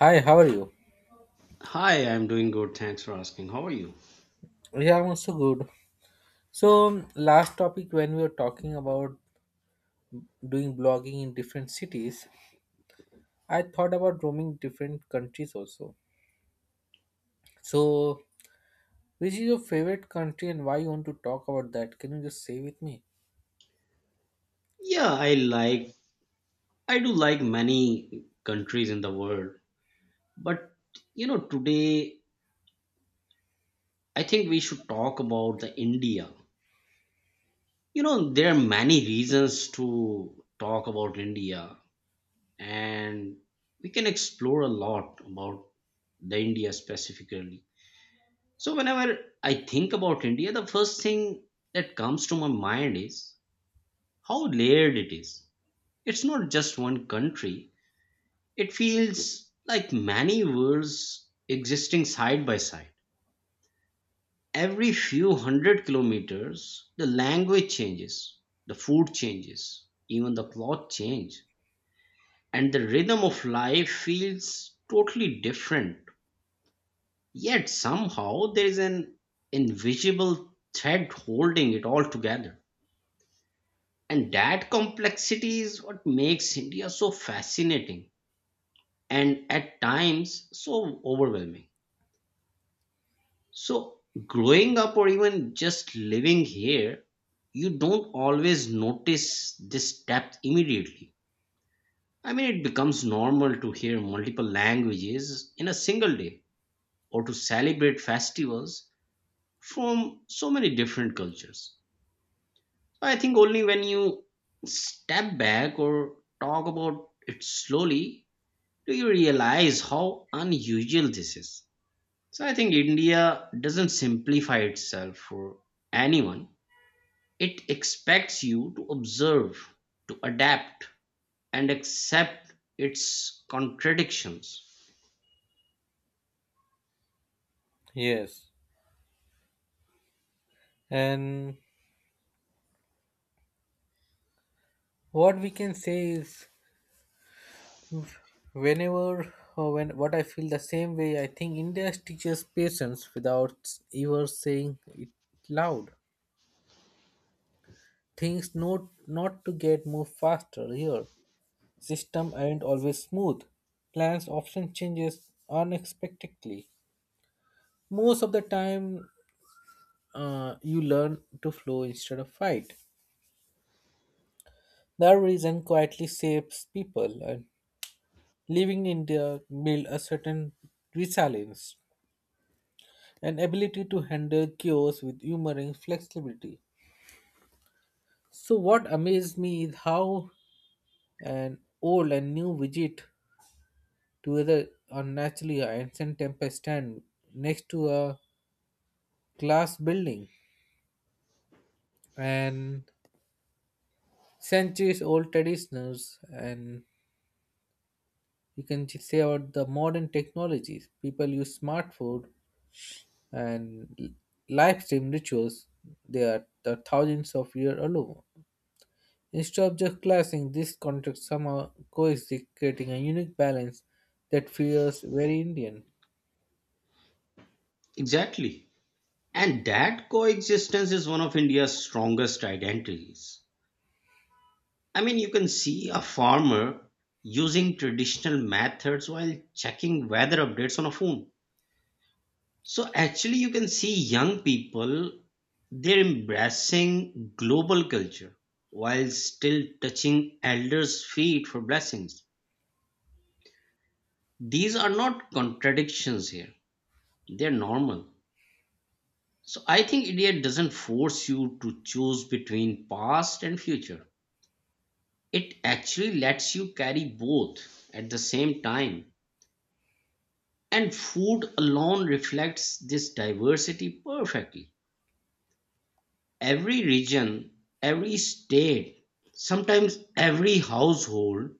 Hi, how are you? Hi, I'm doing good. Thanks for asking. How are you? Yeah, I'm also good. So, last topic when we were talking about doing blogging in different cities, I thought about roaming different countries also. So, which is your favorite country and why you want to talk about that? Can you just say with me? Yeah, I do like many countries in the world, but you know, today I think we should talk about the India. You know, there are many reasons to talk about India, and we can explore a lot about the India specifically. So whenever I think about India, the first thing that comes to my mind is how layered it is. It's not just one country. It feels like many worlds existing side by side. Every few hundred kilometers, the language changes, the food changes, even the cloth change, and the rhythm of life feels totally different. Yet somehow there is an invisible thread holding it all together. And that complexity is what makes India so fascinating and at times so overwhelming. So, growing up or even just living here, you don't always notice this depth immediately. I mean, it becomes normal to hear multiple languages in a single day or to celebrate festivals from so many different cultures. So, I think only when you step back or talk about it slowly do you realize how unusual this is. So, I think India doesn't simplify itself for anyone. It expects you to observe, to adapt, and accept its contradictions. Yes. And what we can say is whenever or when what I feel the same way, I think India teaches patience without ever saying it loud. Things not to get move faster here. System aren't always smooth. Plans often changes unexpectedly. Most of the time, you learn to flow instead of fight. That reason quietly saves people, and living in India build a certain resilience, an ability to handle chaos with humor and flexibility. So what amazed me is how an old and new widget together unnaturally ancient temple stand next to a glass building and centuries old traditions and you can say about the modern technologies people use smartphone and live stream rituals they are the thousands of years old instead of just clashing this contracts somehow coexist creating a unique balance that feels very Indian. Exactly. And that coexistence is one of India's strongest identities. I mean, you can see a farmer using traditional methods while checking weather updates on a phone. So, actually, you can see young people, they're embracing global culture while still touching elders' feet for blessings. These are not contradictions here, they're normal. So I think idiot doesn't force you to choose between past and future. It actually lets you carry both at the same time. And food alone reflects this diversity perfectly. Every region, every state, sometimes every household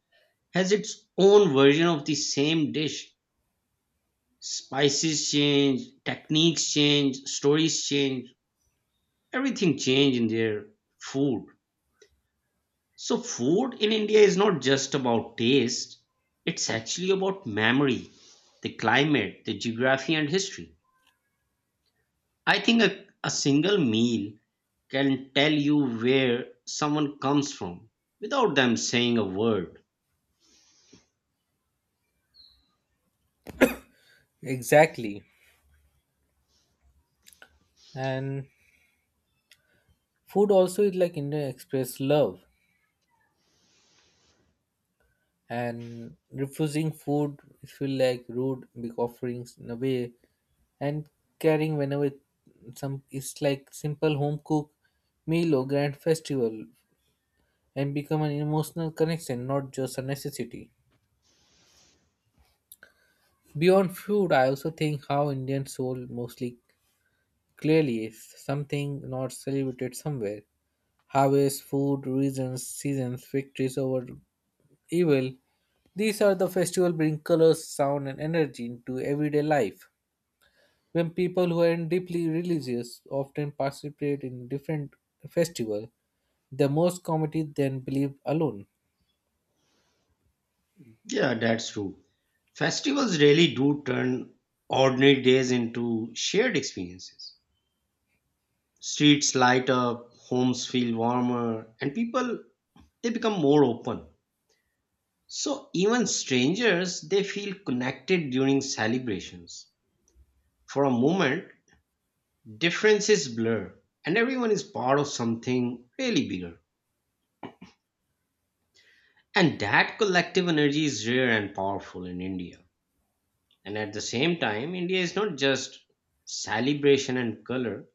has its own version of the same dish. Spices change, techniques change, stories change, everything changed in their food. So, food in India is not just about taste, it's actually about memory, the climate, the geography, and history. I think a single meal can tell you where someone comes from without them saying a word. Exactly. And food also is like Indian express love and refusing food it feel like rude big offerings in a way and caring whenever some it's like simple home cook meal or grand festival and become an emotional connection not just a necessity. Beyond food I also think how Indian soul mostly clearly is something not celebrated somewhere, harvest food reasons seasons victories over evil, these are the festival bring colors sound and energy into everyday life. When people who are deeply religious often participate in different festival, the most committee then believe alone. Yeah, that's true. Festivals really do turn ordinary days into shared experiences. Streets light up, homes feel warmer, and people, they become more open. So even strangers, they feel connected during celebrations. For a moment, differences blur and everyone is part of something really bigger. And that collective energy is rare and powerful in India. And at the same time, India is not just celebration and color.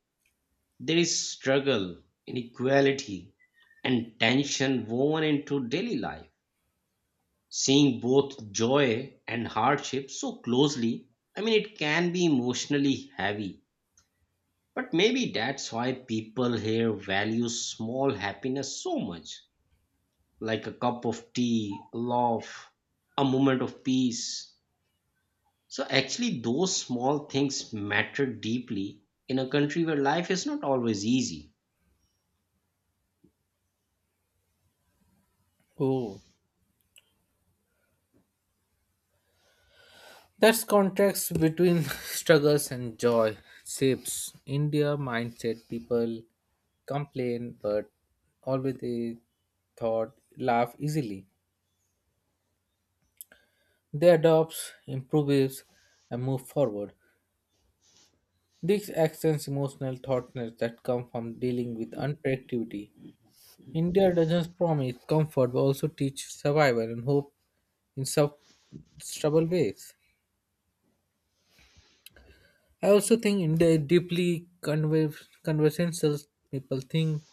There is struggle, inequality, and tension woven into daily life. Seeing both joy and hardship so closely, I mean, it can be emotionally heavy. But maybe that's why people here value small happiness so much, like a cup of tea, a laugh, a moment of peace. So, actually, those small things matter deeply in a country where life is not always easy. Oh, that's contrast between struggles and joy shapes India mindset. People complain, but always they thought laugh easily. They adopt, improves, and move forward. These extends emotional thoughtness that come from dealing with unpredictability. India doesn't promise comfort but also teach survival and hope in stubborn ways. I also think India is deeply conversational. People think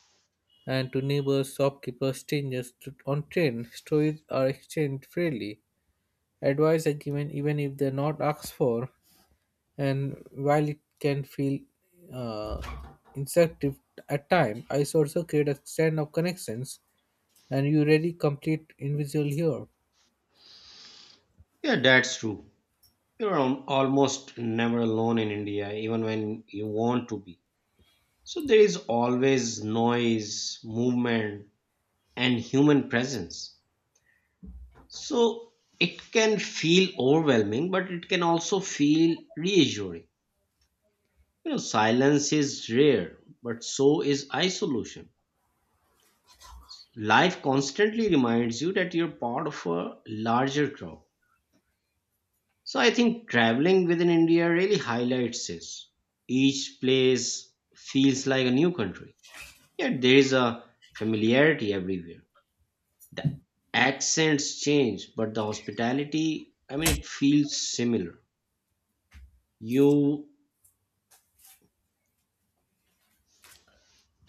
and to neighbors, shopkeepers, strangers on train. Stories are exchanged freely. Advice are given even if they're not asked for. And while it can feel uh, instructive at time, I also create a stand of connections and you really complete invisible here. Yeah, that's true. Almost never alone in India, even when you want to be. So there is always noise, movement, and human presence. So it can feel overwhelming, but it can also feel reassuring. You know, silence is rare, but so is isolation. Life constantly reminds you that you're part of a larger crowd. So I think traveling within India really highlights this. Each place feels like a new country, yet there is a familiarity everywhere. The accents change, but the hospitality, I mean, it feels similar. You,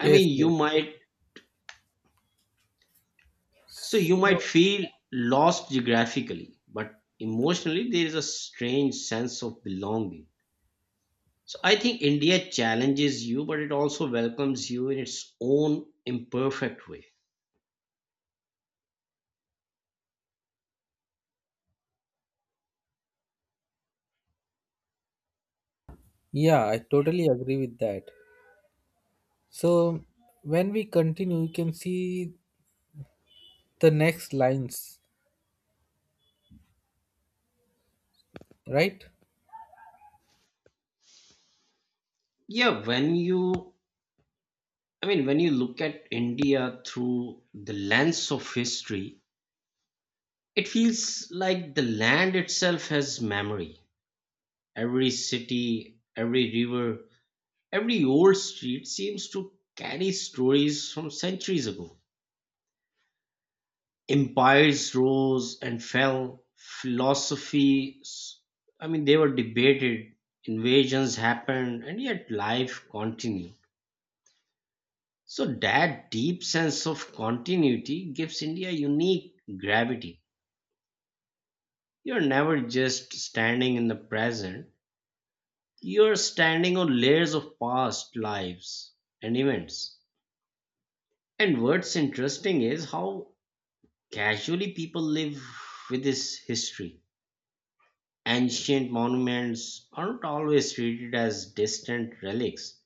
I mean, you yes. might, so you might So, feel lost geographically, but emotionally, there is a strange sense of belonging. So I think India challenges you, but it also welcomes you in its own imperfect way. yeah, I totally agree with that. So when we continue, you can see the next lines, right? Yeah, I mean, when you look at India through the lens of history, it feels like the land itself has memory. Every city, every river, every old street seems to carry stories from centuries ago. Empires rose and fell, philosophies, I mean, they were debated, invasions happened, and yet life continued. So, that deep sense of continuity gives India unique gravity. You're never just standing in the present, you're standing on layers of past lives and events. And what's interesting is how casually people live with this history. Ancient monuments aren't always treated as distant relics,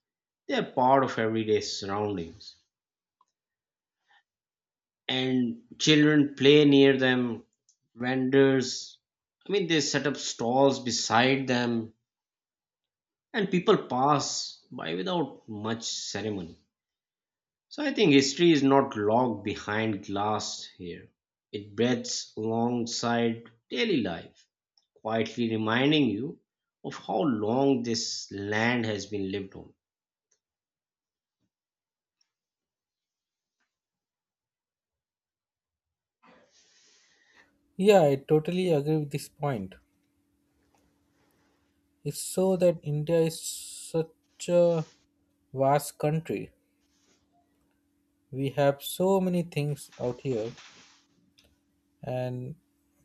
they're part of everyday surroundings. And children play near them, vendors, I mean, they set up stalls beside them, and people pass by without much ceremony. So I think history is not locked behind glass here. It breathes alongside daily life, quietly reminding you of how long this land has been lived on. Yeah, I totally agree with this point. It's so that India is such a vast country. We have so many things out here, and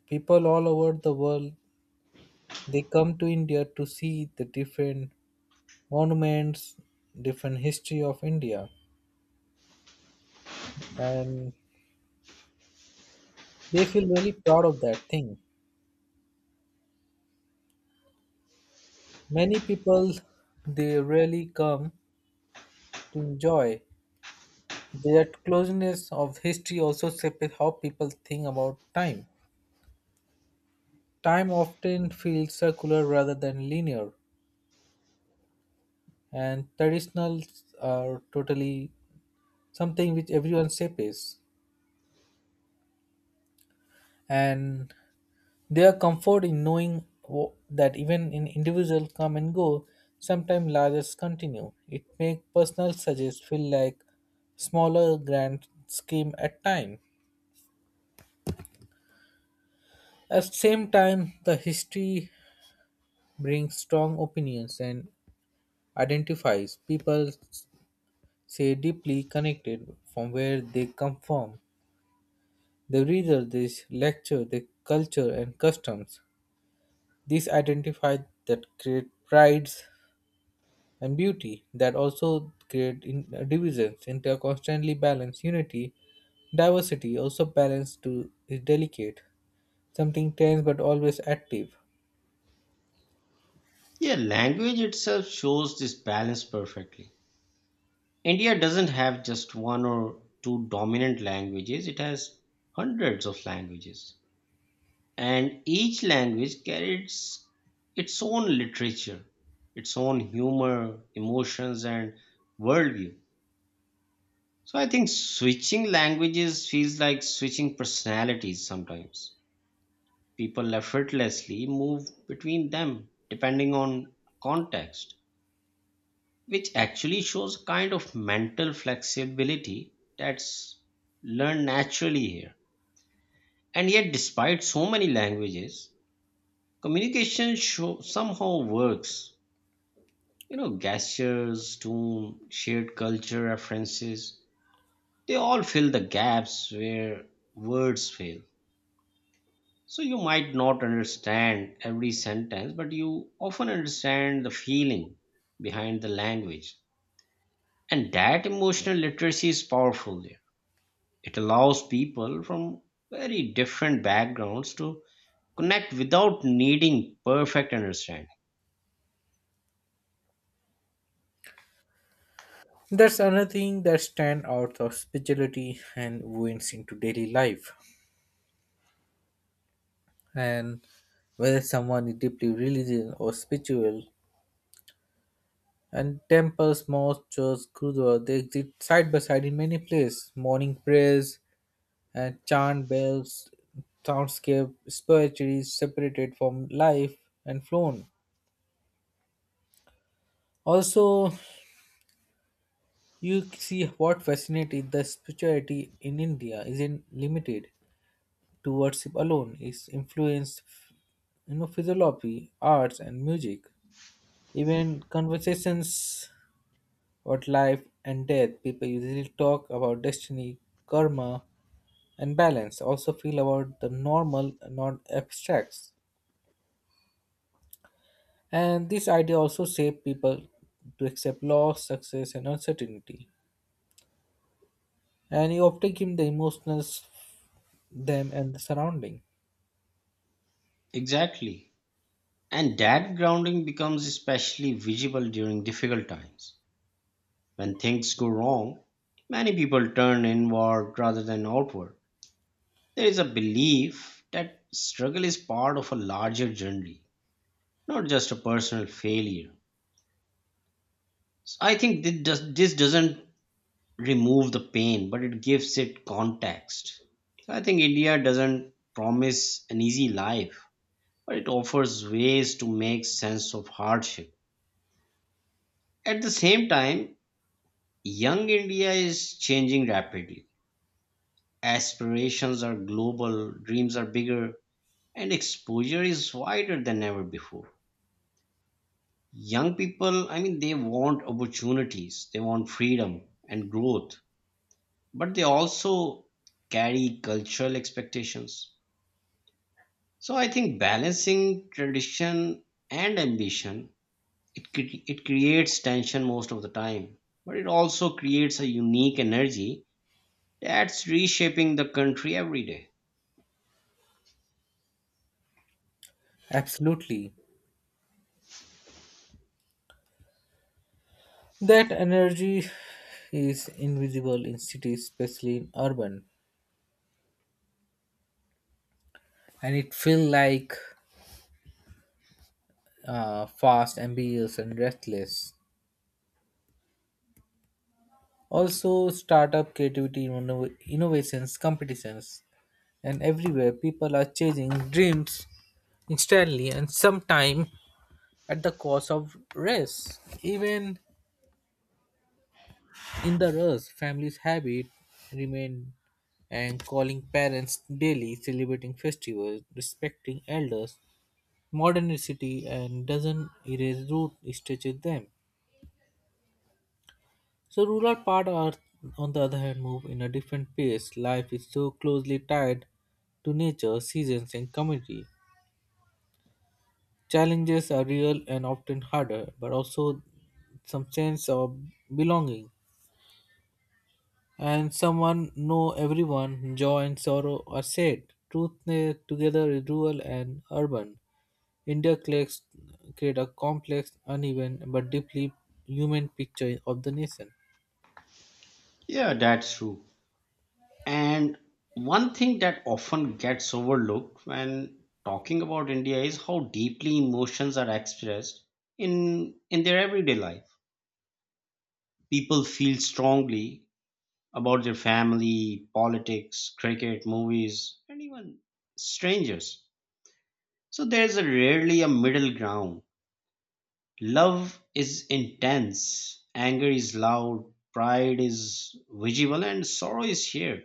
people all over the world they come to India to see the different monuments, different history of India, and they feel really proud of that thing. Many people they really come to enjoy. That closeness of history also shapes how people think about time. Time often feels circular rather than linear, and traditionals are totally something which everyone shapes. And their comfort in knowing that even in individual come and go, sometimes largest continue. It makes personal suggest feel like smaller grand scheme at time. At the same time, the history brings strong opinions and identifies people say deeply connected from where they come from. They read this lecture, the culture and customs. These identify that create prides and beauty that also create in, divisions into a constantly balanced unity. Diversity also balanced to is delicate, something tense but always active. Yeah, language itself shows this balance perfectly. India doesn't have just one or two dominant languages, it has hundreds of languages. And each language carries its own literature, its own humor, emotions, and worldview. So I think switching languages feels like switching personalities sometimes. People effortlessly move between them depending on context, which actually shows kind of mental flexibility that's learned naturally here. And yet, despite so many languages, somehow works. You know, gestures, tone, shared culture references, they all fill the gaps where words fail. So you might not understand every sentence, but you often understand the feeling behind the language. And that emotional literacy is powerful there. It allows people from very different backgrounds to connect without needing perfect understanding. That's another thing that stand out of spirituality and ruins into daily life. And whether someone is deeply religious or spiritual, and temples, mosques, churches, gurdwara, they exist side by side in many places. Morning prayers and chant bells, soundscape, spirituality separated from life and flown. Also, you see what fascinating the spirituality in India isn't limited. To worship alone is influenced you know philosophy, arts and music. Even conversations about life and death, people usually talk about destiny, karma and balance, also feel about the normal, not abstracts. And this idea also shaped people to accept loss, success and uncertainty. And you often give the emotional them and the surrounding. Exactly. And that grounding becomes especially visible during difficult times. When things go wrong, many people turn inward rather than outward. There is a belief that struggle is part of a larger journey, not just a personal failure. So I think this doesn't remove the pain, but it gives it context. So I think India doesn't promise an easy life, but it offers ways to make sense of hardship. At the same time, young India is changing rapidly. Aspirations are global, dreams are bigger, and exposure is wider than ever before. Young people, I mean, they want opportunities, they want freedom and growth, but they also carry cultural expectations. So I think balancing tradition and ambition, it creates tension most of the time, but it also creates a unique energy that's reshaping the country every day. Absolutely. That energy is invisible in cities, especially in urban, and it feels like fast, ambitious, and restless. Also, startup creativity, innovations, competitions, and everywhere people are chasing dreams instantly and sometime at the cost of rest. Even in the rest, families' habit remain and calling parents daily, celebrating festivals, respecting elders, modernity and doesn't erase root it stretches them. So rural part are on the other hand move in a different pace. Life is so closely tied to nature, seasons and community. Challenges are real and often harder, but also some sense of belonging. And someone know everyone, joy and sorrow are said. Truth eh, together is rural and urban. Interclates create a complex, uneven, but deeply human picture of the nation. Yeah, that's true. And one thing that often gets overlooked when talking about India is how deeply emotions are expressed in their everyday life. People feel strongly about their family, politics, cricket, movies, and even strangers. So there's a rarely a middle ground. Love is intense, anger is loud, pride is visible, and sorrow is shared.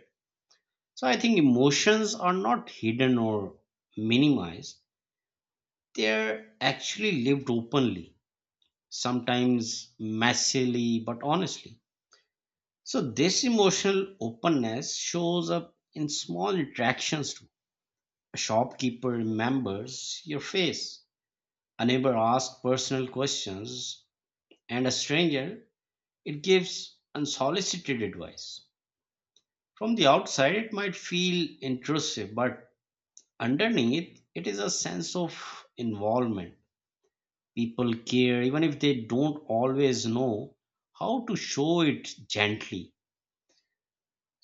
So I think emotions are not hidden or minimized. They're actually lived openly, sometimes messily, but honestly. So this emotional openness shows up in small interactions too. A shopkeeper remembers your face, a neighbor asks personal questions, and a stranger, it gives unsolicited advice. From the outside, it might feel intrusive, but underneath it is a sense of involvement. People care even if they don't always know how to show it gently.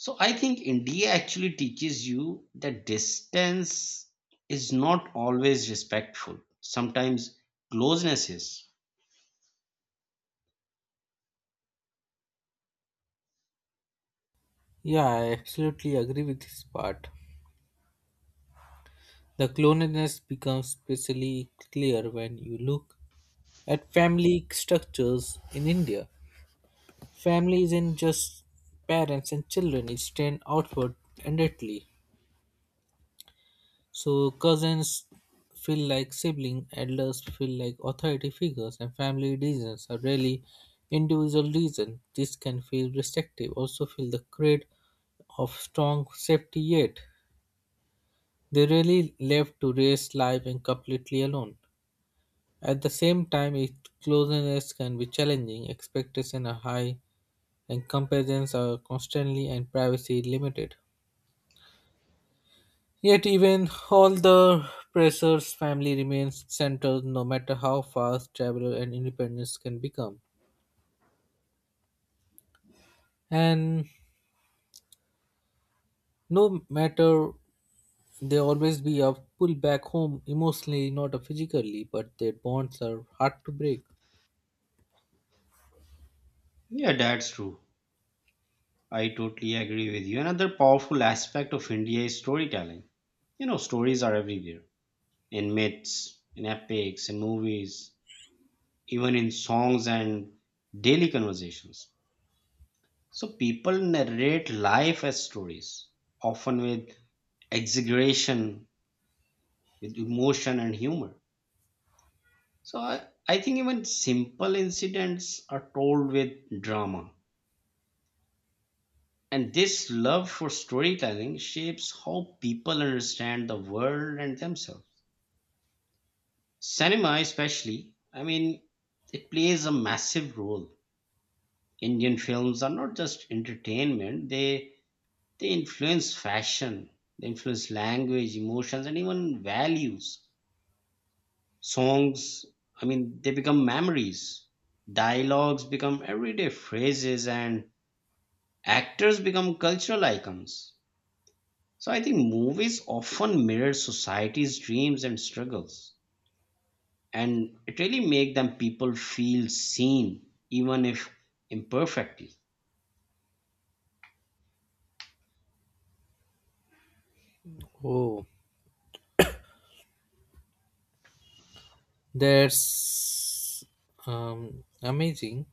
So I think India actually teaches you that distance is not always respectful, sometimes closeness is. Yeah, I absolutely agree with this part. The cloniness becomes especially clear when you look at family structures in India. Family isn't just parents and children, it's extends outward endlessly. So cousins feel like siblings, elders feel like authority figures, and family reasons are really individual reasons. This can feel restrictive, also feel the creed of strong safety yet. They really left to raise life and completely alone. At the same time, its closeness can be challenging, expectations are high, and comparisons are constantly and privacy limited. Yet, even all the pressure's family remains central no matter how fast traveler and independence can become. And no matter they always be a pull back home emotionally, not a physically, but their bonds are hard to break. Yeah, that's true. I totally agree with you. Another powerful aspect of India is storytelling. You know, stories are everywhere, in myths, in epics, in movies, even in songs and daily conversations. So people narrate life as stories, often with exaggeration, with emotion and humor. So I think even simple incidents are told with drama. And this love for storytelling shapes how people understand the world and themselves. Cinema, especially, I mean, it plays a massive role. Indian films are not just entertainment, they influence fashion, they influence language, emotions, and even values. Songs, I mean, they become memories. Dialogues become everyday phrases, and actors become cultural icons. So I think movies often mirror society's dreams and struggles, and it really make them people feel seen, even if imperfectly. Oh, that's amazing.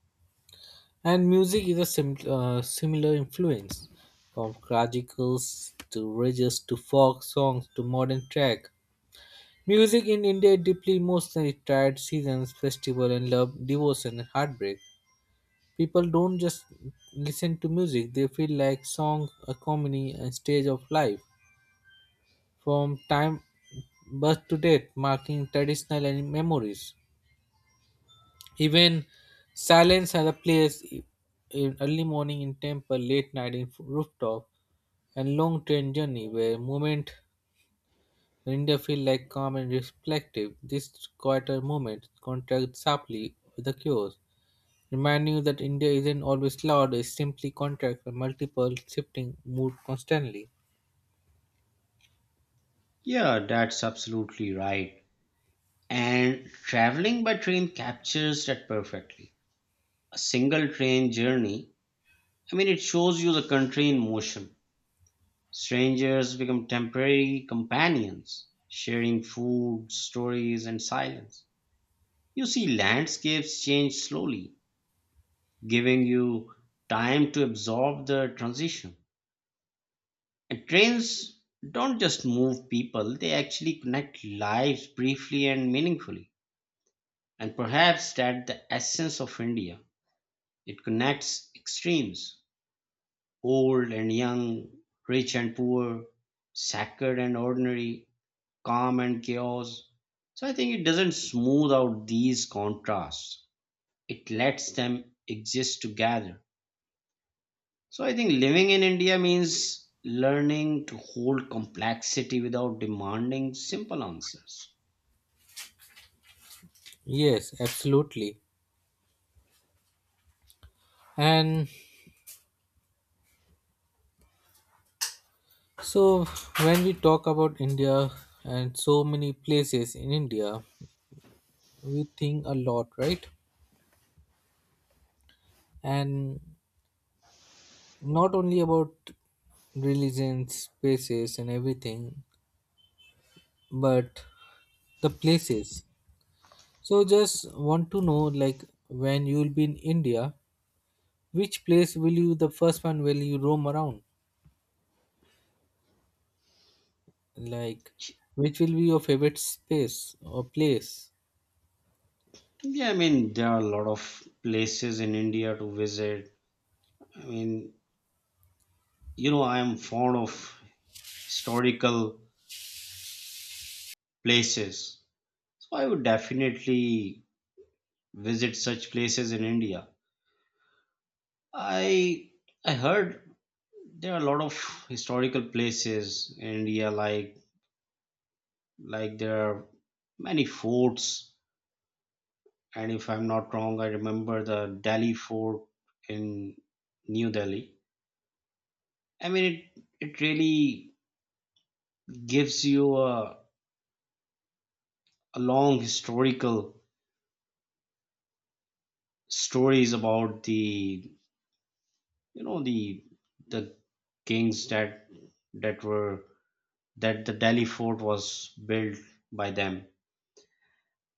And music is a similar influence from classicals to religious to folk songs to modern track. Music in India is deeply emotional. It tied seasons, festival, and love, devotion, and heartbreak. People don't just listen to music; they feel like song, a comedy, and stage of life. From time birth to death, marking traditional and memories. Even silence has a place in early morning in temple, late night in rooftop, and long train journey where moment India feel like calm and reflective. This quieter moment contrasts sharply with the chaos, reminding you that India isn't always loud, it simply contracts a multiple shifting mood constantly. Yeah, that's absolutely right. And traveling by train captures that perfectly. A single train journey, I mean, it shows you the country in motion. Strangers become temporary companions, sharing food, stories, and silence. You see landscapes change slowly, giving you time to absorb the transition. And trains don't just move people, they actually connect lives briefly and meaningfully. And perhaps that's the essence of India. It connects extremes. Old and young, rich and poor, sacred and ordinary, calm and chaos. So I think it doesn't smooth out these contrasts. It lets them exist together. So I think living in India means learning to hold complexity without demanding simple answers. Yes, absolutely. And so when we talk about India and so many places in India, we think a lot, right? And not only about religions, spaces and everything, but the places. So just want to know like when you'll be in India, which place will you the first one will you roam around? Like which will be your favorite space or place? Yeah, I mean, there are a lot of places in India to visit. I mean, you know, I am fond of historical places. So I would definitely visit such places in India. I I heard there are a lot of historical places in India, like there are many forts. And if I'm not wrong, I remember the Delhi fort in New Delhi. I mean, it really gives you a long historical stories about the you know the kings that were that the Delhi fort was built by them.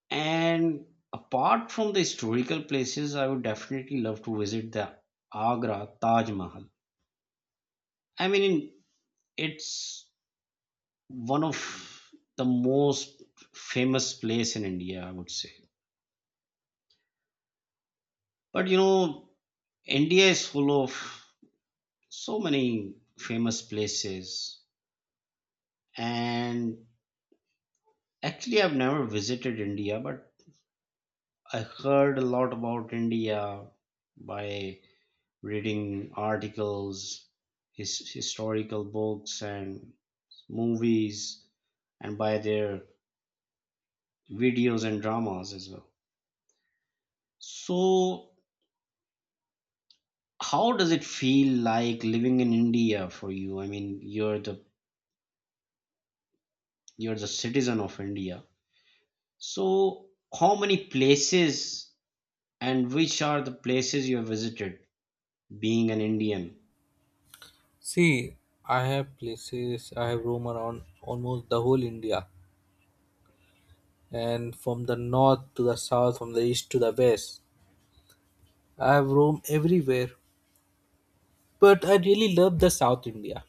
And apart from the historical places, I would definitely love to visit the Agra Taj Mahal. I mean, it's one of the most famous place in India, I would say. But you know, India is full of so many famous places. And actually, I've never visited India, but I heard a lot about India by reading articles, historical books, and movies, and by their videos and dramas as well. So, how does it feel like living in India for you? I mean, you're the citizen of India. So, how many places and which are the places you have visited being an Indian? See, I have places I have roam around almost the whole India and from the north to the south, from the east to the west. I have roamed everywhere. But I really love the South India.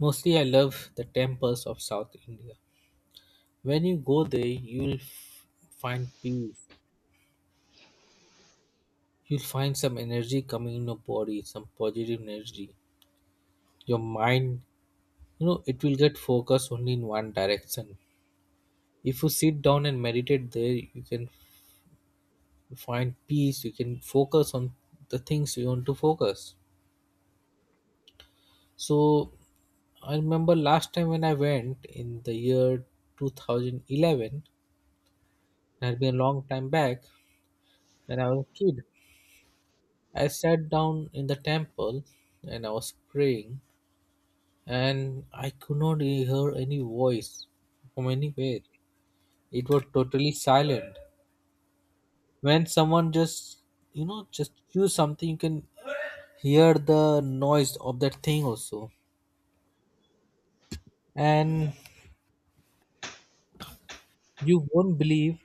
Mostly I love the temples of South India. When you go there, you'll find peace. You'll find some energy coming in your body, some positive energy. Your mind, you know, it will get focused only in one direction. If you sit down and meditate there, you can find peace, you can focus on the things you want to focus. So, I remember last time when I went in the year 2011, it had been a long time back, and I was a kid. I sat down in the temple and I was praying and I could not hear any voice from anywhere. It was totally silent. When someone just, you know, just choose something, you can hear the noise of that thing also. And you won't believe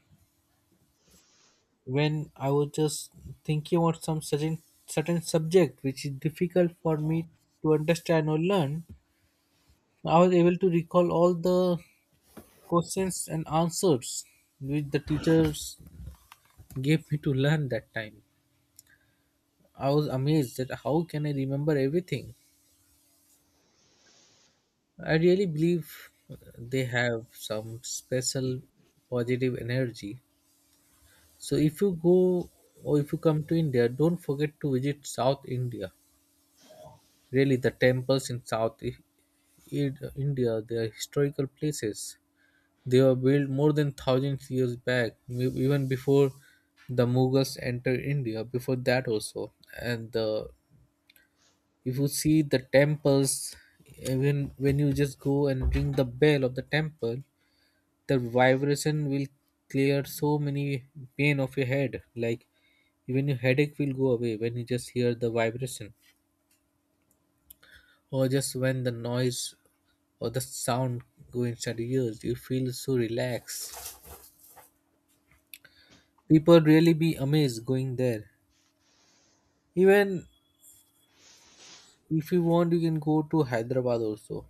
when I was just thinking about some certain subject which is difficult for me to understand or learn, I was able to recall all the questions and answers which the teachers gave me to learn that time. I was amazed that how can I remember everything? I really believe they have some special positive energy. So if you go or if you come to India, don't forget to visit South India. Really, the temples in South India, they are historical places. They were built more than 1000 years back, even before the Mughals entered India. Before that also, and the if you see the temples even when you just go and ring the bell of the temple the vibration will clear so many pain of your head like even your headache will go away when you just hear the vibration or just when the noise or the sound go inside your ears you feel so relaxed. People really be amazed going there. Even if you want you can go to Hyderabad also.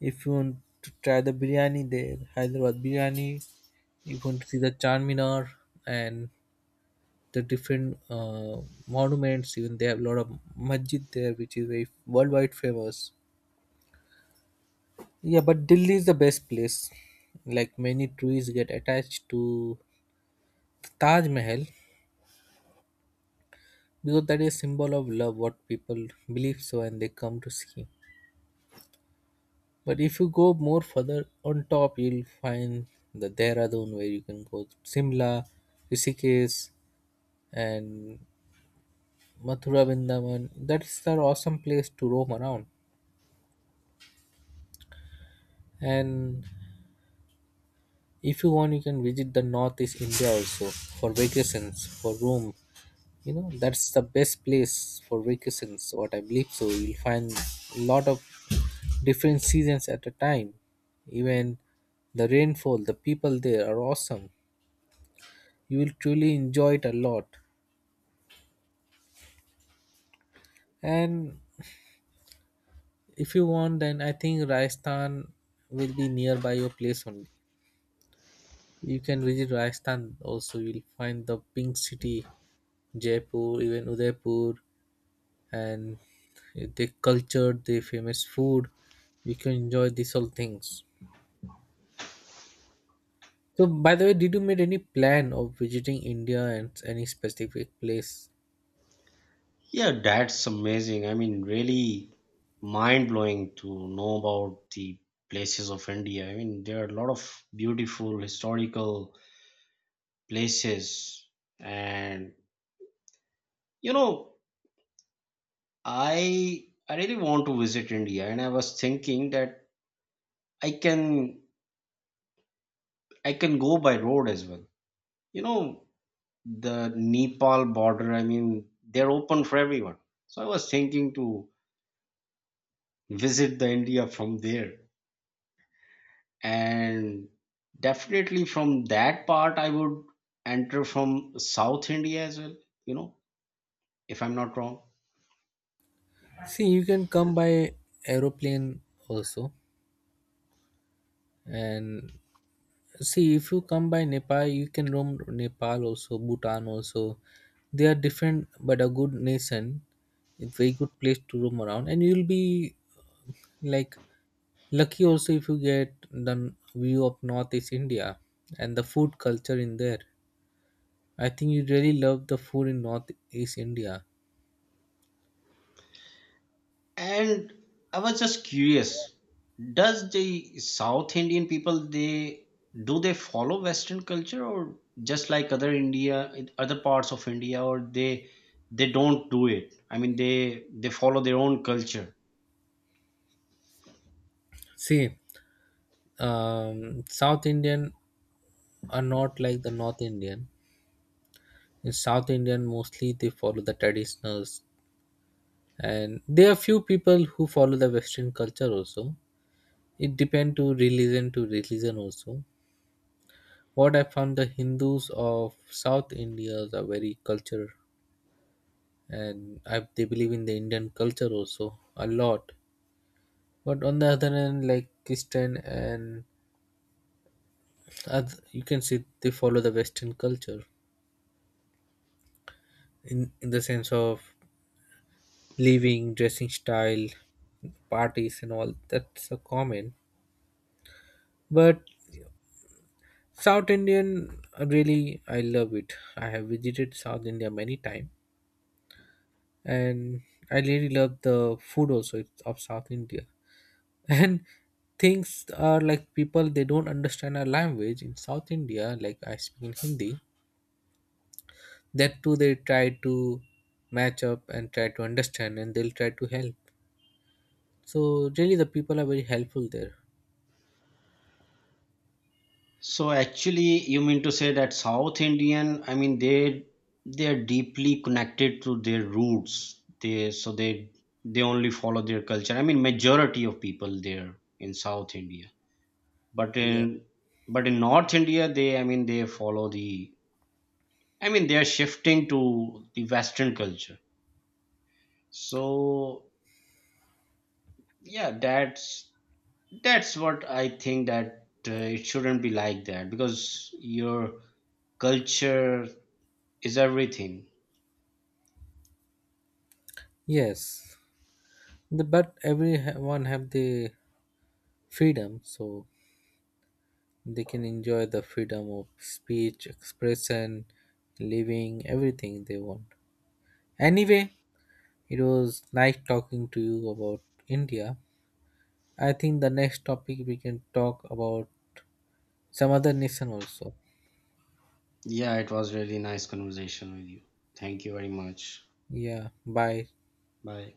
If you want to try the biryani there, Hyderabad biryani, if you want to see the Charminar and the different monuments, even they have a lot of masjid there, which is very worldwide famous. Yeah, but Delhi is the best place. Like many trees get attached to Taj Mahal because that is symbol of love, what people believe so, and they come to see. But if you go more further on top, you'll find the Dehradun where you can go to Simla, Rishikesh, and Mathura Vrindavan. That is the awesome place to roam around. And if you want, you can visit the Northeast India also for vacations, for room. You know, that's the best place for vacations, what I believe. So you'll find a lot of different seasons at a time. Even the rainfall, the people there are awesome. You will truly enjoy it a lot. And if you want then I think Rajasthan will be nearby your place only. You can visit Rajasthan also, you'll find the pink city Jaipur, even Udaipur, and they cultured the famous food, we can enjoy these all things. So by the way did you make any plan of visiting India and any specific place? Yeah, that's amazing. I mean, really mind blowing to know about the places of India. I mean, there are a lot of beautiful historical places, and you know, I really want to visit India, and I was thinking that I can I can go by road as well. You know, the Nepal border. I mean, they're open for everyone. So I was thinking to visit the India from there. And definitely from that part I would enter from South India as well. You know, if I'm not wrong. See you can come by aeroplane also. And see if you come by Nepal you can roam Nepal also, Bhutan also. They are different but a good nation. It's very good place to roam around and you'll be like lucky also if you get the view of Northeast India and the food culture in there. I think you really love the food in Northeast India. And I was just curious, does the South Indian people they do they follow Western culture, or just like other India, other parts of India, or they don't do it? I mean, they follow their own culture. See, South Indian are not like the North Indian. In South Indian mostly they follow the traditionals and there are few people who follow the Western culture also. It depend to religion also. What I found the Hindus of South India are very culture, and I, they believe in the Indian culture also a lot, but on the other hand like Christian and you can see they follow the Western culture in the sense of living dressing style parties and all that's a common. But South Indian, really, I love it. I have visited South India many times, and I really love the food also of South India. And things are like people they don't understand our language in South India. Like I speak in Hindi, that too they try to match up and try to understand, and they'll try to help. So really, the people are very helpful there. So actually, you mean to say that South Indian, I mean, they are deeply connected to their roots. They so they only follow their culture. I mean majority of people there in South India. But Yeah. in but in North India, they, I mean, they follow the, I mean, they are shifting to the Western culture. So yeah, that's what I think, that it shouldn't be like that because your culture is everything. Yes. The, but everyone have the freedom, so they can enjoy the freedom of speech, expression, living, everything they want. Anyway, it was nice talking to you about India. I think the next topic we can talk about some other nation also. Yeah, it was really nice conversation with you. Thank you very much. Yeah, bye. Bye.